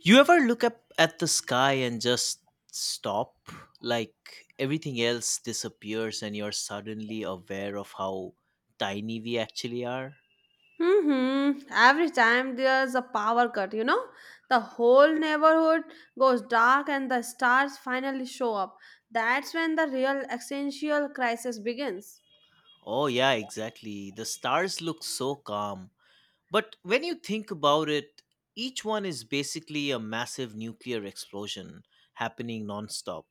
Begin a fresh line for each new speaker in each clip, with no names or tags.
You ever look up at the sky and just stop? Like everything else disappears and you're suddenly aware of how tiny we actually are?
Mm-hmm. Every time there's a power cut, the whole neighborhood goes dark and the stars finally show up. That's when the real existential crisis begins.
Oh, yeah, exactly. The stars look so calm. But when you think about it, each one is basically a massive nuclear explosion happening nonstop.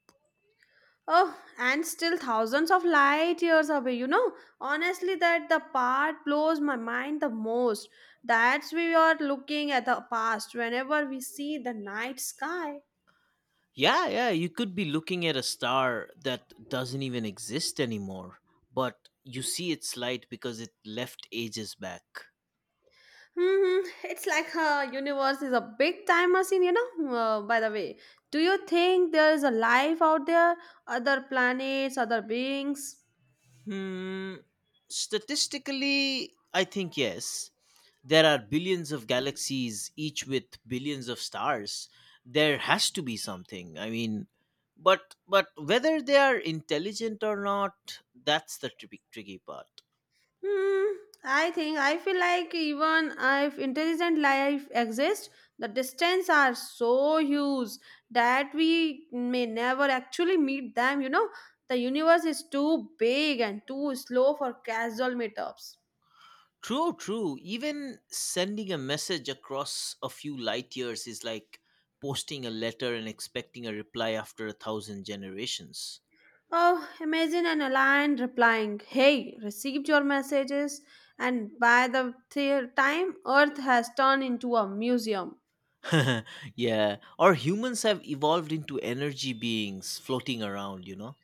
Oh, and still thousands of light years away, Honestly, that the part blows my mind the most. That's we are looking at the past whenever we see the night sky.
Yeah, yeah, you could be looking at a star that doesn't even exist anymore, but you see its light because it left ages back.
It's like a universe is a big time machine, By the way, do you think there is a life out there, other planets, other beings?
Hmm. Statistically, I think yes. There are billions of galaxies, each with billions of stars. There has to be something. I mean, but whether they are intelligent or not, that's the tricky part.
Hmm. I feel like even if intelligent life exists, the distance are so huge that we may never actually meet them. The universe is too big and too slow for casual meetups.
True, true. Even sending a message across a few light years is like posting a letter and expecting a reply after a thousand generations.
Oh, imagine an airline replying, "Hey, received your messages," and by the time Earth has turned into a museum.
Yeah, or humans have evolved into energy beings floating around, you know?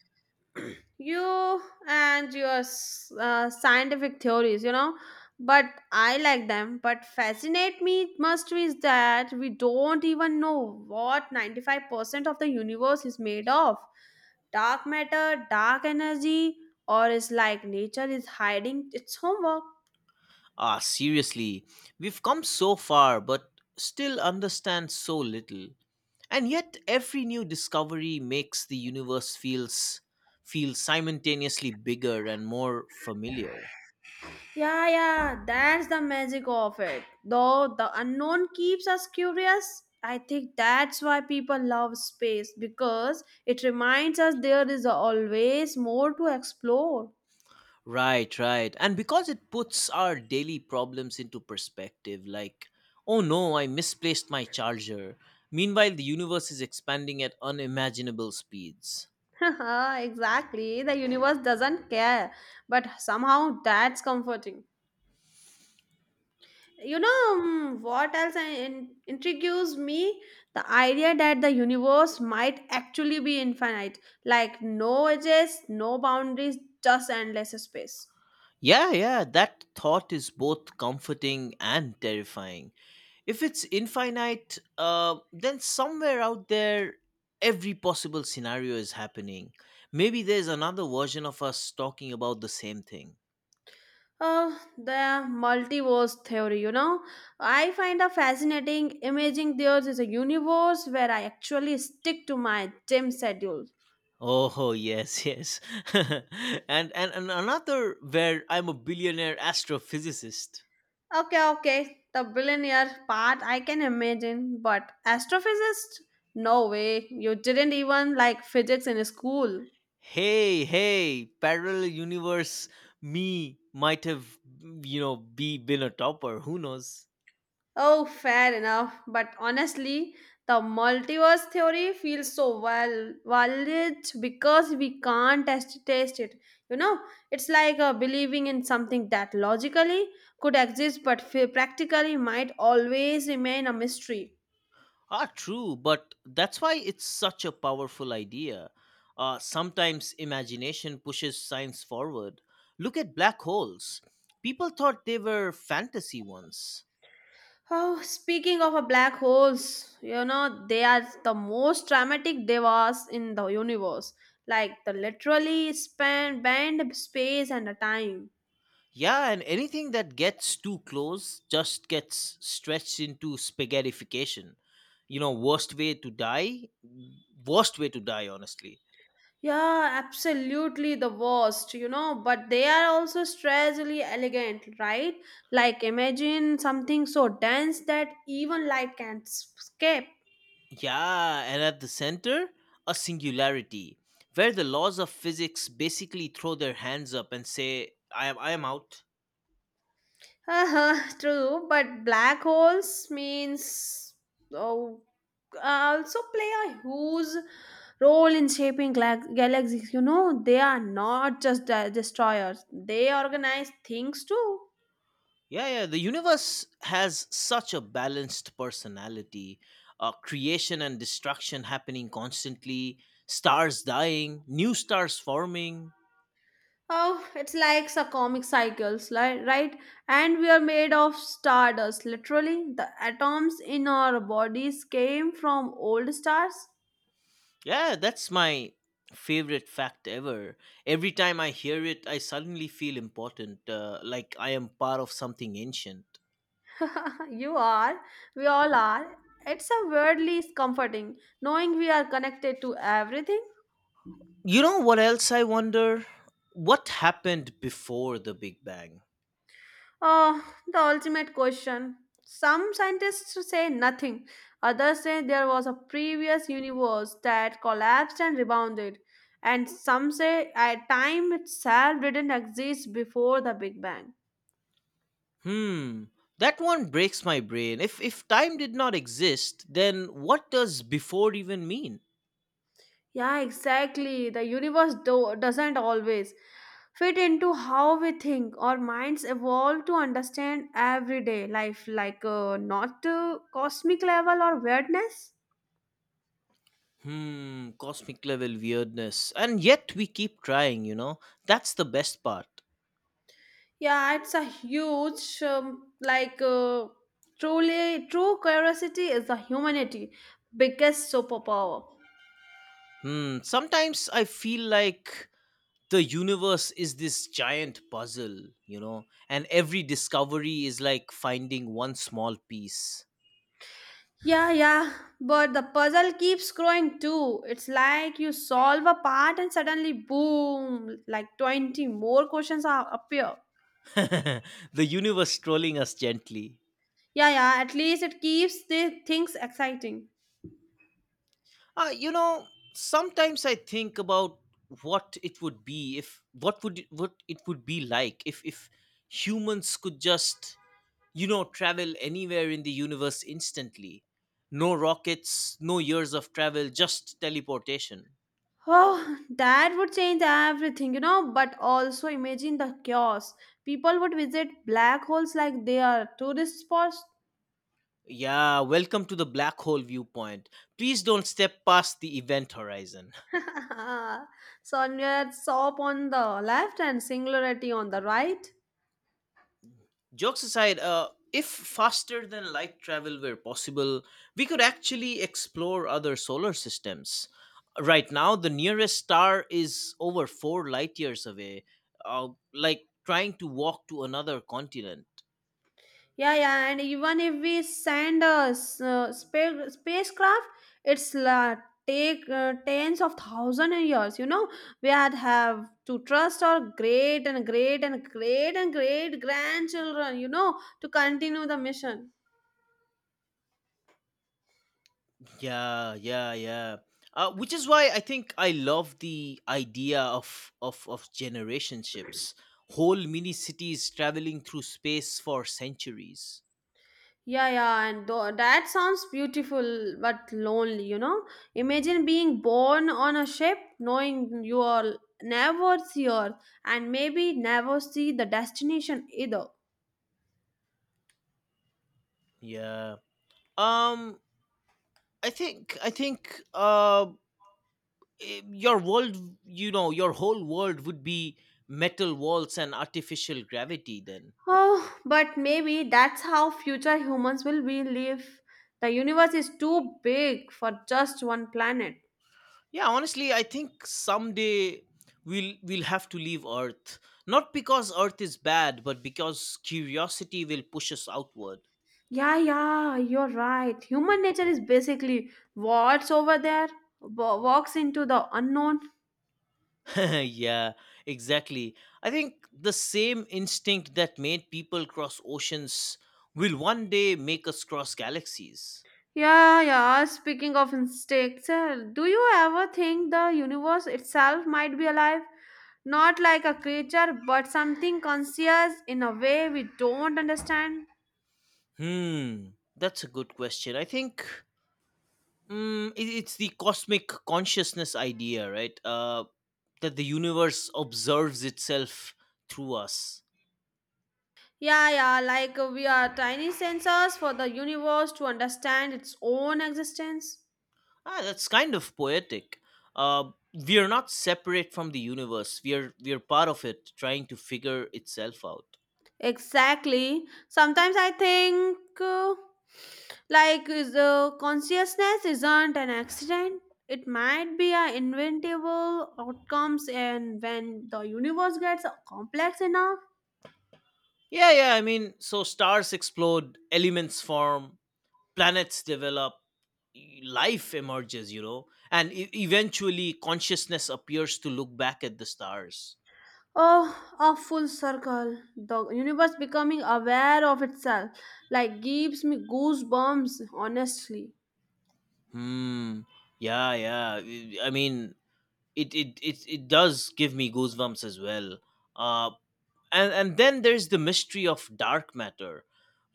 You and your scientific theories, but I like them. But fascinate me must is that we don't even know what 95% of the universe is made of: dark matter, dark energy, or is like nature is hiding its homework.
Ah, seriously, we've come so far but still understand so little. And yet every new discovery makes the universe feel simultaneously bigger and more familiar.
Yeah, yeah, that's the magic of it. Though the unknown keeps us curious, I think that's why people love space, because it reminds us there is always more to explore.
Right, right. And because it puts our daily problems into perspective, like, oh no, I misplaced my charger. Meanwhile, the universe is expanding at unimaginable speeds.
Exactly, the universe doesn't care, but somehow that's comforting. What else intrigues me? The idea that the universe might actually be infinite, like no edges, no boundaries, just endless space.
Yeah, yeah, that thought is both comforting and terrifying. If it's infinite, then somewhere out there, every possible scenario is happening. Maybe there's another version of us talking about the same thing.
Uh, the multiverse theory, I find a fascinating. Imaging there is a universe where I actually stick to my gym schedule.
Oh yes, yes. And another where I'm a billionaire astrophysicist.
Okay, okay, the billionaire part I can imagine, but astrophysicist, no way. You didn't even like physics in school.
Hey, hey, parallel universe me might have be been a topper, who knows?
Oh, fair enough. But honestly, the multiverse theory feels so well valid because we can't test, taste it. You know, it's like believing in something that logically could exist but practically might always remain a mystery.
Ah, true, but that's why it's such a powerful idea. Sometimes imagination pushes science forward. Look at black holes. People thought they were fantasy once.
Oh, speaking of black holes, they are the most dramatic devas in the universe. Like, the literally span band space and the time.
Yeah, and anything that gets too close just gets stretched into spaghettification. Worst way to die, worst way to die, honestly.
Yeah, absolutely the worst, but they are also strangely elegant, right? Like imagine something so dense that even light can't escape.
Yeah, and at the center, a singularity where the laws of physics basically throw their hands up and say, I am out.
Uh-huh, true, but black holes means oh, also play a huge role in shaping galaxies. You know, they are not just destroyers; they organize things too.
Yeah, yeah, the universe has such a balanced personality. Creation and destruction happening constantly, stars dying, new stars forming.
Oh, it's like a comic cycles, right? And we are made of stardust, literally. The atoms in our bodies came from old stars.
Yeah, that's my favorite fact ever. Every time I hear it, I suddenly feel important, like I am part of something ancient.
You are. We all are. It's a weirdly comforting knowing we are connected to everything.
You know what else I wonder? What happened before the Big Bang?
Oh, the ultimate question. Some scientists say nothing, others say there was a previous universe that collapsed and rebounded, and some say at time itself didn't exist before the Big Bang.
Hmm, that one breaks my brain. If time did not exist, then what does before even mean?
Yeah, exactly. The universe doesn't always fit into how we think. Our minds evolve to understand everyday life, like not cosmic level or weirdness.
Hmm, cosmic level weirdness. And yet we keep trying, you know? That's the best part.
Yeah, it's a huge, like, truly, true curiosity is the humanity' biggest superpower.
Hmm, sometimes I feel like the universe is this giant puzzle, and every discovery is like finding one small piece.
Yeah, yeah, but the puzzle keeps growing too. It's like you solve a part and suddenly, boom, like 20 more questions are, appear.
The universe trolling us gently.
Yeah, yeah, at least it keeps the things exciting.
Uh, you know, Sometimes I think about what it would be if what it would be like if humans could just travel anywhere in the universe instantly. No rockets, no years of travel, just teleportation.
Oh, that would change everything, but also imagine the chaos. People would visit black holes like they are tourist spots.
Yeah, welcome to the black hole viewpoint. Please don't step past the event horizon.
Sonnet soap on the left and singularity on the right.
Jokes aside, if faster than light travel were possible, we could actually explore other solar systems. Right now, the nearest star is over 4 light years away, like trying to walk to another continent.
Yeah, yeah, and even if we send a spacecraft, it's take tens of thousands of years. We had have to trust our great and great and great and great grandchildren. You know, to continue the mission.
Yeah, yeah, yeah. Which is why I think I love the idea of generationships, whole mini cities traveling through space for centuries.
Yeah, yeah, and that sounds beautiful but lonely, Imagine being born on a ship, knowing you will never see Earth and maybe never see the destination either.
Yeah. Um. I think eh, your world your whole world would be metal walls and artificial gravity then.
Oh, but maybe that's how future humans will be live. The universe is too big for just one planet.
Yeah, honestly, I think someday we'll have to leave Earth, not because Earth is bad but because curiosity will push us outward.
Yeah, yeah, you're right. Human nature is basically what's over there walks into the unknown.
Yeah, exactly. I think the same instinct that made people cross oceans will one day make us cross galaxies.
Yeah, yeah. Speaking of insects, do you ever think the universe itself might be alive? Not like a creature, but something conscious in a way we don't understand?
Hmm, that's a good question, I think. It's the cosmic consciousness idea, right? That the universe observes itself through us.
Yeah, yeah, like we are tiny sensors for the universe to understand its own existence.
Ah, that's kind of poetic. We are not separate from the universe. We are part of it, trying to figure itself out.
Exactly. Sometimes I think. uh, Like, is the consciousness isn't an accident. It might be an inventable outcomes, and when the universe gets complex enough,
Yeah, yeah. I mean, so stars explode, elements form, planets develop, life emerges, and eventually consciousness appears to look back at the stars.
oh, a full circle. The universe becoming aware of itself, like, gives me goosebumps. Honestly,
Hmm, yeah, yeah. I mean, it does give me goosebumps as well. uh and then there's the mystery of dark matter.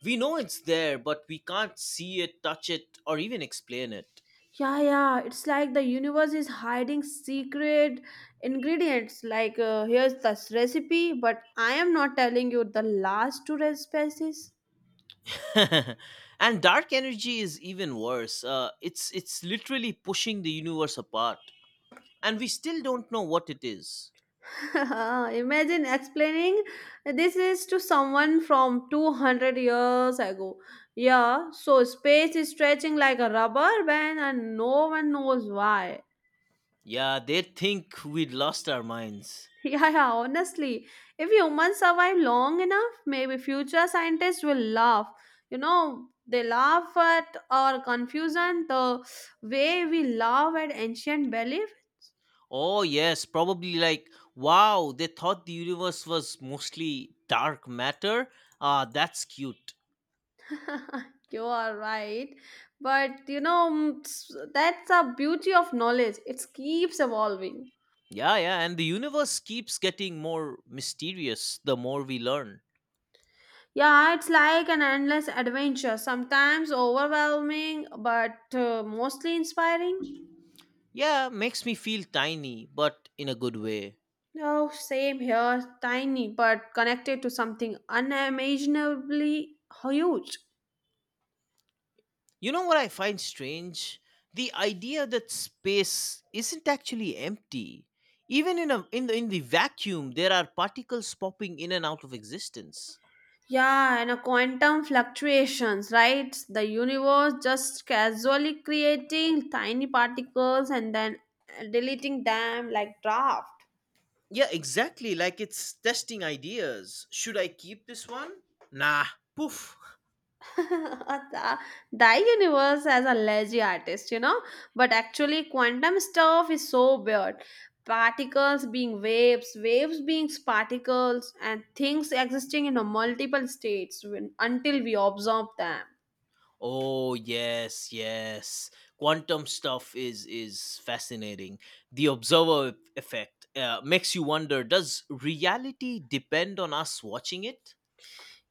We know it's there but we can't see it, touch it, or even explain it.
yeah, yeah. It's like the universe is hiding secret ingredients. Like, here's this recipe, but I am not telling you the last two species.
And dark energy is even worse. It's literally pushing the universe apart. And we still don't know what it is.
Imagine explaining this is to someone from 200 years ago. Yeah, so space is stretching like a rubber band and no one knows why.
Yeah, they think we'd lost our minds.
Yeah, yeah, honestly, if humans survive long enough, maybe future scientists will laugh. You know, they laugh at our confusion the way we laugh at ancient belief.
Oh, yes, probably like, wow, they thought the universe was mostly dark matter. Ah, that's cute.
You are right. But you know, mm, that's the beauty of knowledge. It keeps evolving.
Yeah, yeah, and the universe keeps getting more mysterious the more we learn.
Yeah, it's like an endless adventure, sometimes overwhelming, but mostly inspiring.
Yeah, makes me feel tiny, but in a good way.
Oh, same here, tiny, but connected to something unimaginably huge.
You know what I find strange? The idea that space isn't actually empty. Even in the vacuum, there are particles popping in and out of existence.
Yeah, and a quantum fluctuations, right? The universe just casually creating tiny particles and then deleting them like draft.
Yeah, exactly. Like it's testing ideas. Should I keep this one? Nah. Poof.
the, the universe has a lazy artist, But actually, quantum stuff is so weird. Particles being waves, waves being particles, and things existing in a multiple states when, until we observe them.
Oh yes, yes. Quantum stuff is fascinating. The observer effect makes you wonder: does reality depend on us watching it?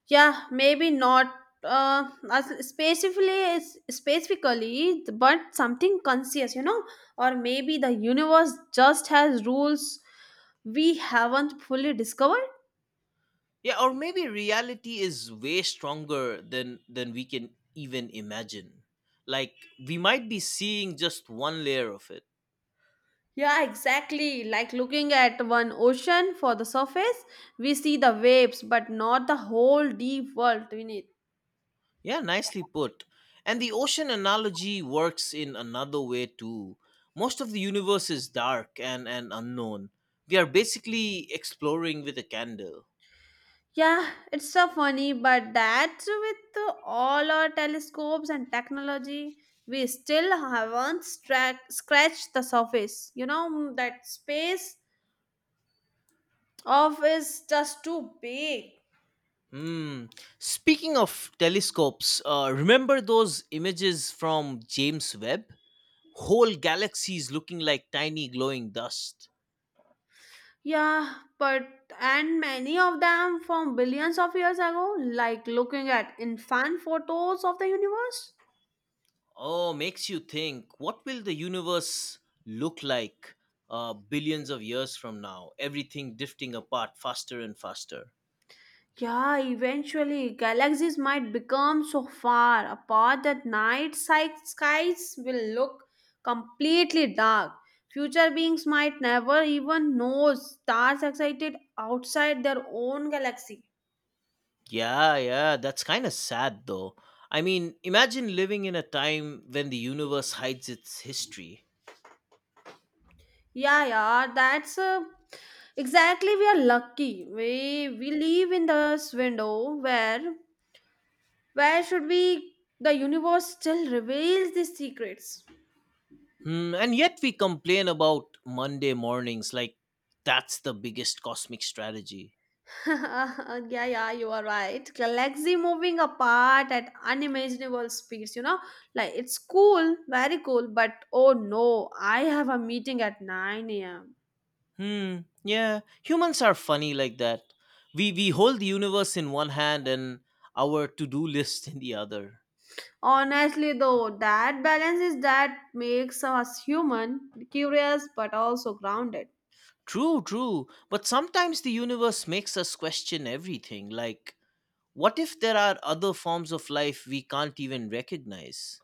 Yeah, maybe not uh, as- specifically, specifically, but something conscious, Or maybe the universe just has rules we haven't fully discovered.
Yeah, or maybe reality is way stronger than we can even imagine. Like, we might be seeing just one layer of it.
Yeah, exactly. Like looking at one ocean for the surface, we see the waves, but not the whole deep world beneath.
Yeah, nicely put. And the ocean analogy works in another way too. Most of the universe is dark and unknown. We are basically exploring with a candle.
Yeah, it's so funny, but that with all our telescopes and technology, we still haven't scratched the surface. You know, that space of is just too big.
Hmm. Speaking of telescopes, remember those images from James Webb? Whole galaxies looking like tiny glowing dust.
Yeah, but and many of them from billions of years ago, like looking at infant photos of the universe.
Oh, makes you think what will the universe look like billions of years from now? Everything drifting apart faster and faster.
Yeah, eventually galaxies might become so far apart that skies will look completely dark. Future beings might never even know stars excited outside their own galaxy.
Yeah, yeah, that's kind of sad though. I mean, imagine living in a time when the universe hides its history.
Yeah, yeah, that's exactly we are lucky. We live in this window where should we the universe still reveals these secrets.
Hmm, and yet we complain about Monday mornings like that's the biggest cosmic strategy.
Yeah, yeah, you are right. Galaxy moving apart at unimaginable speeds, you know? Like, it's cool, very cool, but oh no, I have a meeting at 9 a.m.
Hmm. Yeah, humans are funny like that. We hold the universe in one hand and our to-do list in the other.
Honestly, though, that balance is that makes us human, curious, but also grounded.
True, true. But sometimes the universe makes us question everything. Like, what if there are other forms of life we can't even recognize?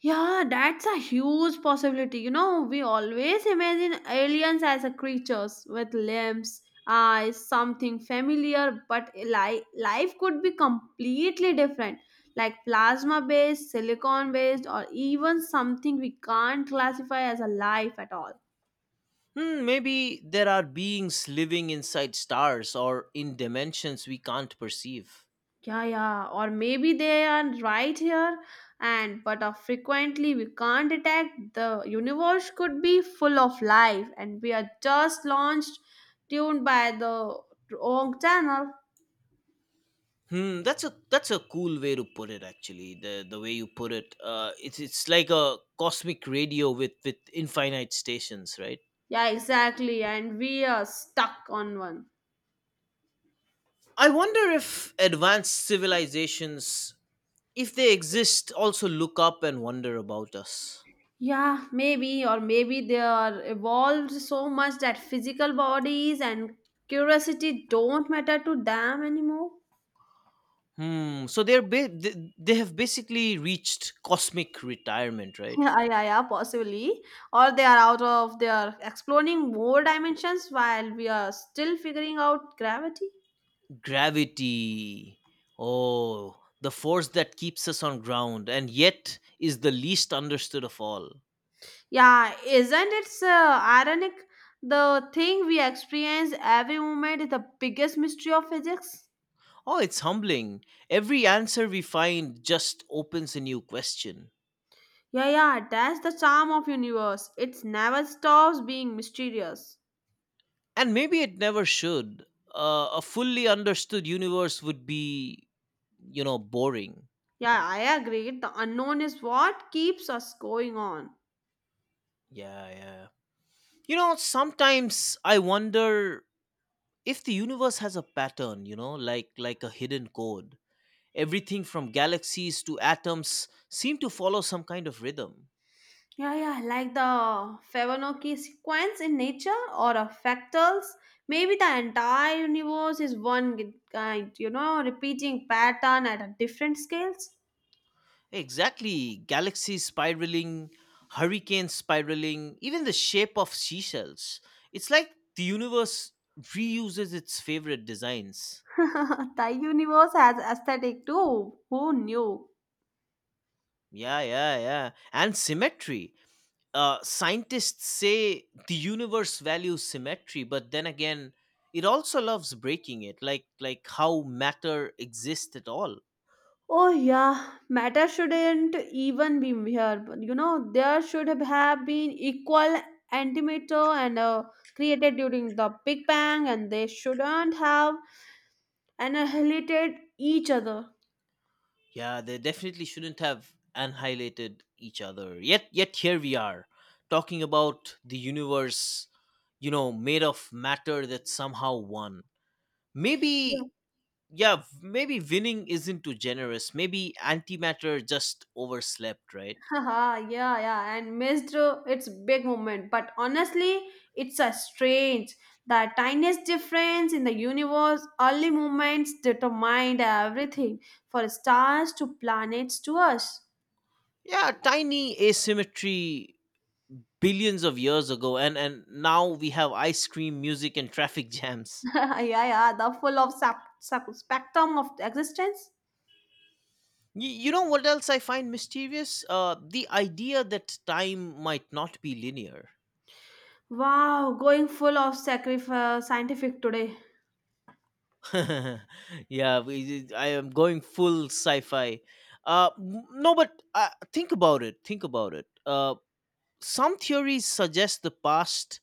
Yeah, that's a huge possibility. You know, we always imagine aliens as a creatures with limbs, eyes, something familiar, but life could be completely different, like plasma based, silicon based, or even something we can't classify as a life at all.
Hmm, maybe there are beings living inside stars or in dimensions we can't perceive.
Yeah, yeah, or maybe they are right here, and but frequently we can't detect the universe could be full of life, and we are just launched, tuned by the wrong channel.
Hmm, that's a cool way to put it. Actually, the way you put it, it's like a cosmic radio with infinite stations, right?
Yeah, exactly, and we are stuck on one.
I wonder if advanced civilizations, if they exist, also look up and wonder about us.
Yeah, maybe, or maybe they are evolved so much that physical bodies and curiosity don't matter to them anymore.
Hmm. So they have basically reached cosmic retirement, right?
Yeah, yeah, yeah, possibly. Or they are they are exploring more dimensions while we are still figuring out gravity.
Gravity. Oh, the force that keeps us on ground and yet is the least understood of all.
Yeah, isn't it ironic? The thing we experience every moment is the biggest mystery of physics.
Oh, it's humbling. Every answer we find just opens a new question.
Yeah, yeah, that's the charm of universe. It never stops being mysterious.
And maybe it never should. A fully understood universe would be, boring.
Yeah, I agree. The unknown is what keeps us going on.
Yeah, yeah. Sometimes I wonder if the universe has a pattern, like a hidden code. Everything from galaxies to atoms seem to follow some kind of rhythm.
Yeah, yeah, like the Fibonacci sequence in nature or of fractals. Maybe the entire universe is one kind, you know, repeating pattern at a different scales.
Exactly. Galaxies spiraling, hurricanes spiraling, even the shape of seashells. It's like the universe reuses its favorite designs.
The universe has aesthetic too. Who knew?
Yeah, yeah, yeah. And symmetry. Scientists say the universe values symmetry, but then again, it also loves breaking it, like how matter exists at all.
Oh yeah, matter shouldn't even be here. But you know, there should have been equal antimatter and created during the Big Bang, and they shouldn't have annihilated each other.
Yeah, they definitely shouldn't have annihilated each other. Yet here we are, talking about the universe, made of matter that somehow won. Maybe, yeah, maybe winning isn't too generous. Maybe antimatter just overslept, right?
Haha, yeah, yeah, and missed its big moment. But honestly, it's a strange. The tiniest difference in the universe, early movements determined everything for stars to planets to us.
Yeah, tiny asymmetry billions of years ago, and now we have ice cream, music, and traffic jams.
Yeah, yeah, the full of spectrum of existence.
You know what else I find mischievous? The idea that time might not be linear.
Wow, going full of sacrifice, scientific today.
Yeah, I am going full sci-fi. No, but think about it. Think about it. Some theories suggest the past,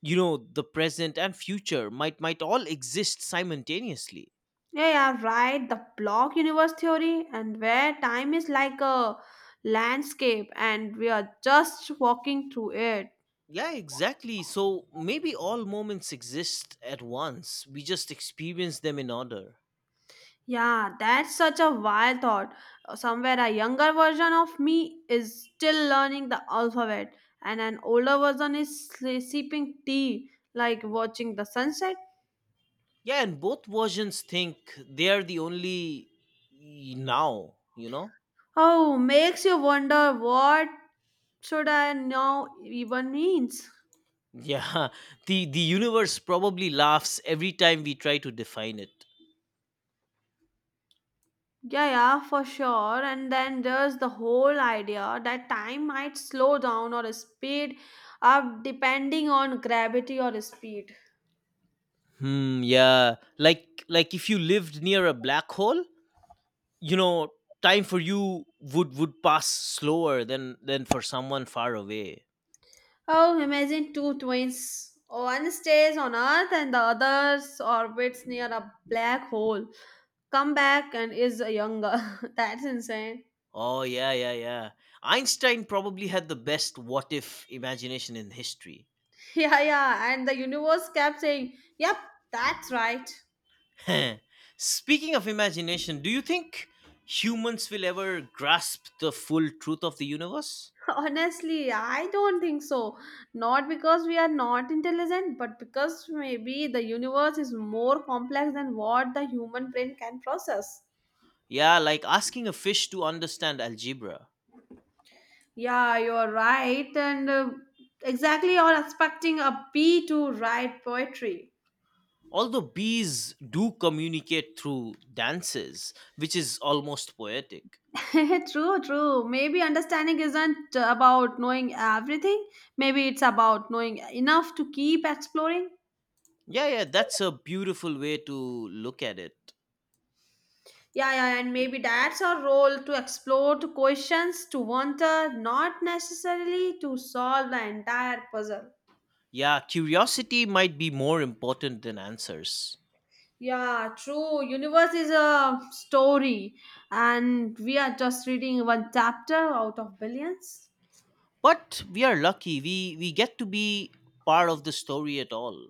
the present and future might all exist simultaneously.
Yeah, yeah, right. The block universe theory, and where time is like a landscape and we are just walking through it.
Yeah, exactly. So maybe all moments exist at once. We just experience them in order.
Yeah, that's such a wild thought. Somewhere a younger version of me is still learning the alphabet, and an older version is sipping tea, like watching the sunset.
Yeah, and both versions think they are the only now, you know?
Oh, makes you wonder what should I now even means.
Yeah, the universe probably laughs every time we try to define it.
Yeah, yeah, for sure. And then there's the whole idea that time might slow down or speed up depending on gravity or speed.
Hmm, yeah. Like if you lived near a black hole, you know time for you would pass slower than for someone far away.
Oh, imagine two twins. One stays on Earth and the other orbits near a black hole. Come back and is younger. That's insane.
Oh, yeah, yeah, yeah. Einstein probably had the best what if imagination in history.
Yeah, yeah. And the universe kept saying, yep, that's right.
Speaking of imagination, do you think humans will ever grasp the full truth of the universe?
Honestly, I don't think so. Not because we are not intelligent, but because maybe the universe is more complex than what the human brain can process.
Yeah, like asking a fish to understand algebra.
Yeah, you're right. And Exactly, you're expecting a bee to write poetry.
Although bees do communicate through dances, which is almost poetic.
True, true. Maybe understanding isn't about knowing everything, maybe it's about knowing enough to keep exploring.
Yeah, yeah, that's a beautiful way to look at it.
Yeah, yeah, and maybe that's our role to explore the questions, to wonder, not necessarily to solve the entire puzzle.
Yeah, curiosity might be more important than answers.
Yeah, true. Universe is a story, and we are just reading one chapter out of billions.
But we are lucky. We get to be part of the story at all.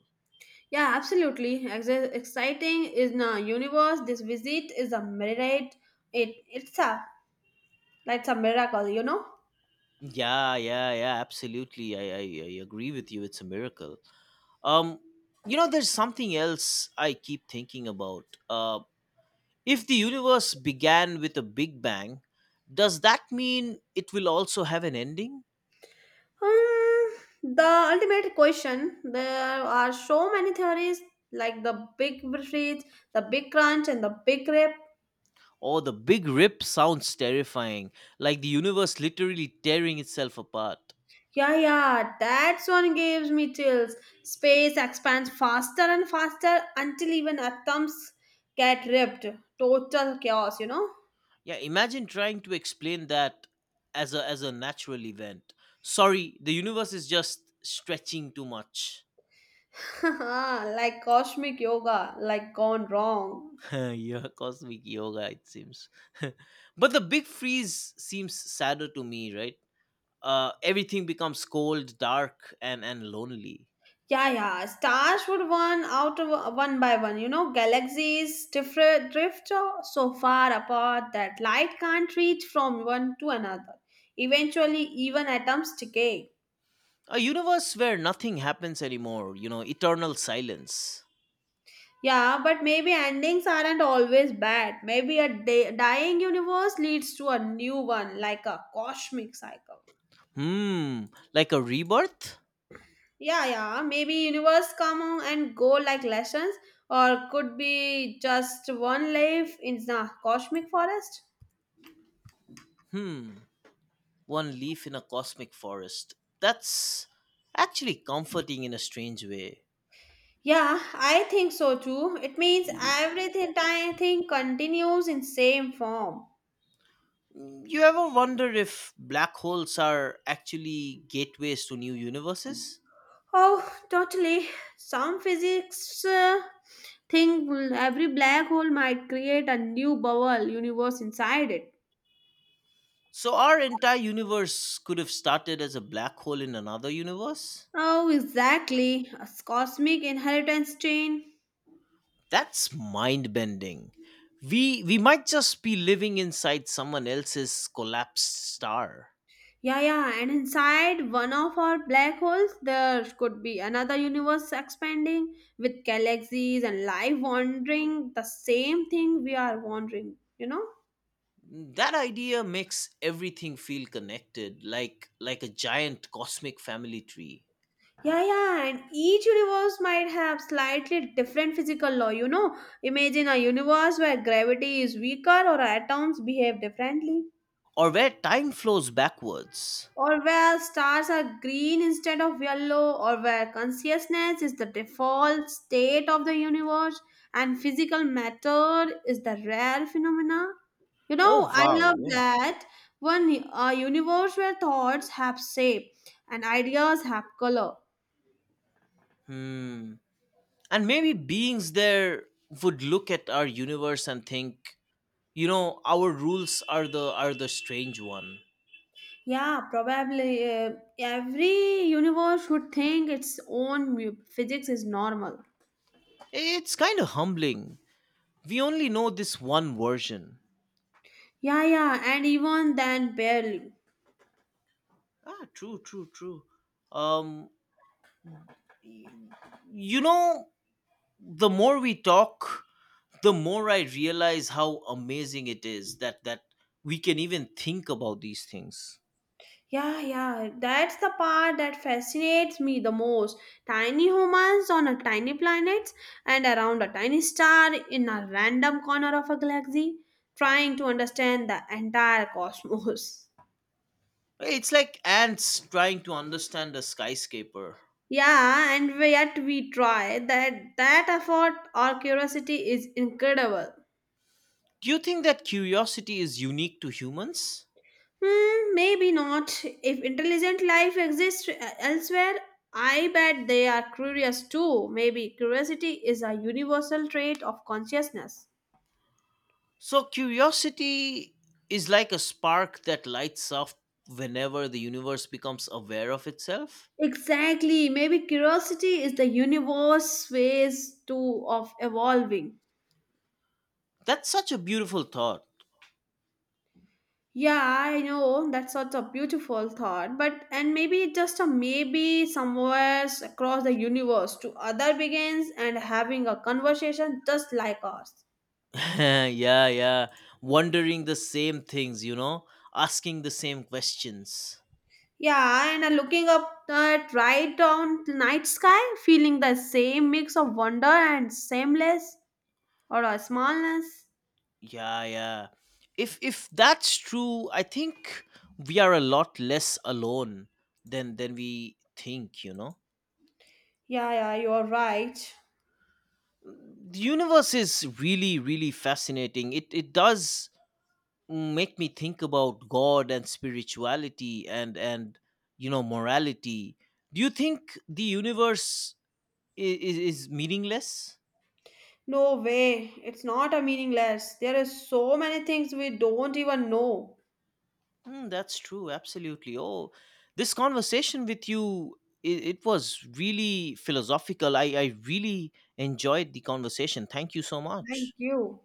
Yeah, absolutely. Exciting is the universe. This visit is a mirror. It's a like it's a miracle.
Yeah, yeah, yeah, absolutely. I agree with you. It's a miracle. Um, there's something else I keep thinking about. If the universe began with a big bang, does that mean it will also have an ending?
Hmm, the ultimate question. There are so many theories like the big freeze, the big crunch, and the big rip.
Oh, the big rip sounds terrifying, like the universe literally tearing itself apart.
Yeah, yeah, that's one gives me chills. Space expands faster and faster until even atoms get ripped. Total chaos, you know?
Yeah, imagine trying to explain that as a natural event. Sorry, the universe is just stretching too much.
Like cosmic yoga, like gone wrong.
Yeah, cosmic yoga it seems. But the big freeze seems sadder to me, right? Everything becomes cold, dark, and lonely.
Yeah, yeah. Stars would one out of one by one. You know, galaxies different drift so far apart that light can't reach from one to another. Eventually, even atoms decay.
A universe where nothing happens anymore, eternal silence.
Yeah, but maybe endings aren't always bad. Maybe a day, dying universe leads to a new one, like a cosmic cycle.
Hmm, like a rebirth?
Yeah, yeah. Maybe universe come on and go like lessons, or could be just one life in the cosmic forest.
Hmm, one leaf in a cosmic forest. That's actually comforting in a strange way.
Yeah, I think so too. It means everything I think continues in same form.
You ever wonder if black holes are actually gateways to new universes?
Oh, totally. Some physics think every black hole might create a new bubble universe inside it.
So, our entire universe could have started as a black hole in another universe?
Oh, exactly. A cosmic inheritance chain.
That's mind bending. We might just be living inside someone else's collapsed star.
Yeah, yeah, and inside one of our black holes, there could be another universe expanding with galaxies and life wandering the same thing we are wandering, you know?
That idea makes everything feel connected like a giant cosmic family tree.
Yeah, yeah, and each universe might have slightly different physical law. You know, imagine a universe where gravity is weaker or atoms behave differently,
Or where time flows backwards.
or where stars are green instead of yellow, or where consciousness is the default state of the universe and physical matter is the rare phenomena. You
Oh,
know, I
wow,
love
yeah.
that one, a universe where thoughts have shape and ideas have color.
Hmm, and maybe beings there would look at our universe and think our rules are the strange one.
Yeah, probably every universe would think its own physics is normal.
It's kind of humbling, we only know this one version.
Yeah, yeah, and even then, barely.
Ah, true, true, true. um y- you know the more we talk, the more I realize how amazing it is that we can even think about these things.
Yeah, yeah, that's the part that fascinates me the most. Tiny humans on a tiny planet and around a tiny star in a random corner of a galaxy, trying to understand the entire cosmos.
It's like ants trying to understand a skyscraper
Yeah, and yet we try. That effort or curiosity is incredible.
do you think that curiosity is unique to humans?
Hmm, maybe not. If intelligent life exists elsewhere, I bet they are curious too. Maybe curiosity is a universal trait of consciousness.
So curiosity is like a spark that lights up whenever the universe becomes aware of itself.
Exactly. Maybe curiosity is the universe ways to of evolving.
That's such a beautiful thought.
Yeah, I know that's such a beautiful thought, but and maybe just a maybe somewhere across the universe to other begins and having a conversation just like ours.
Yeah, yeah, wondering the same things, asking the same questions.
Yeah, and Looking up at right on the night sky, feeling the same mix of wonder and sameness or a smallness.
Yeah, yeah. If that's true, I think we are a lot less alone than we think.
Yeah, yeah, you're right.
The universe is really really fascinating. It does make me think about God and spirituality and morality. Do you think the universe is meaningless?
No way, it's not a meaningless. There is so many things we don't even know.
Mm, that's true. Absolutely. Oh, this conversation with you, it was really philosophical. I really enjoyed the conversation. Thank you so
Thank
much.
you.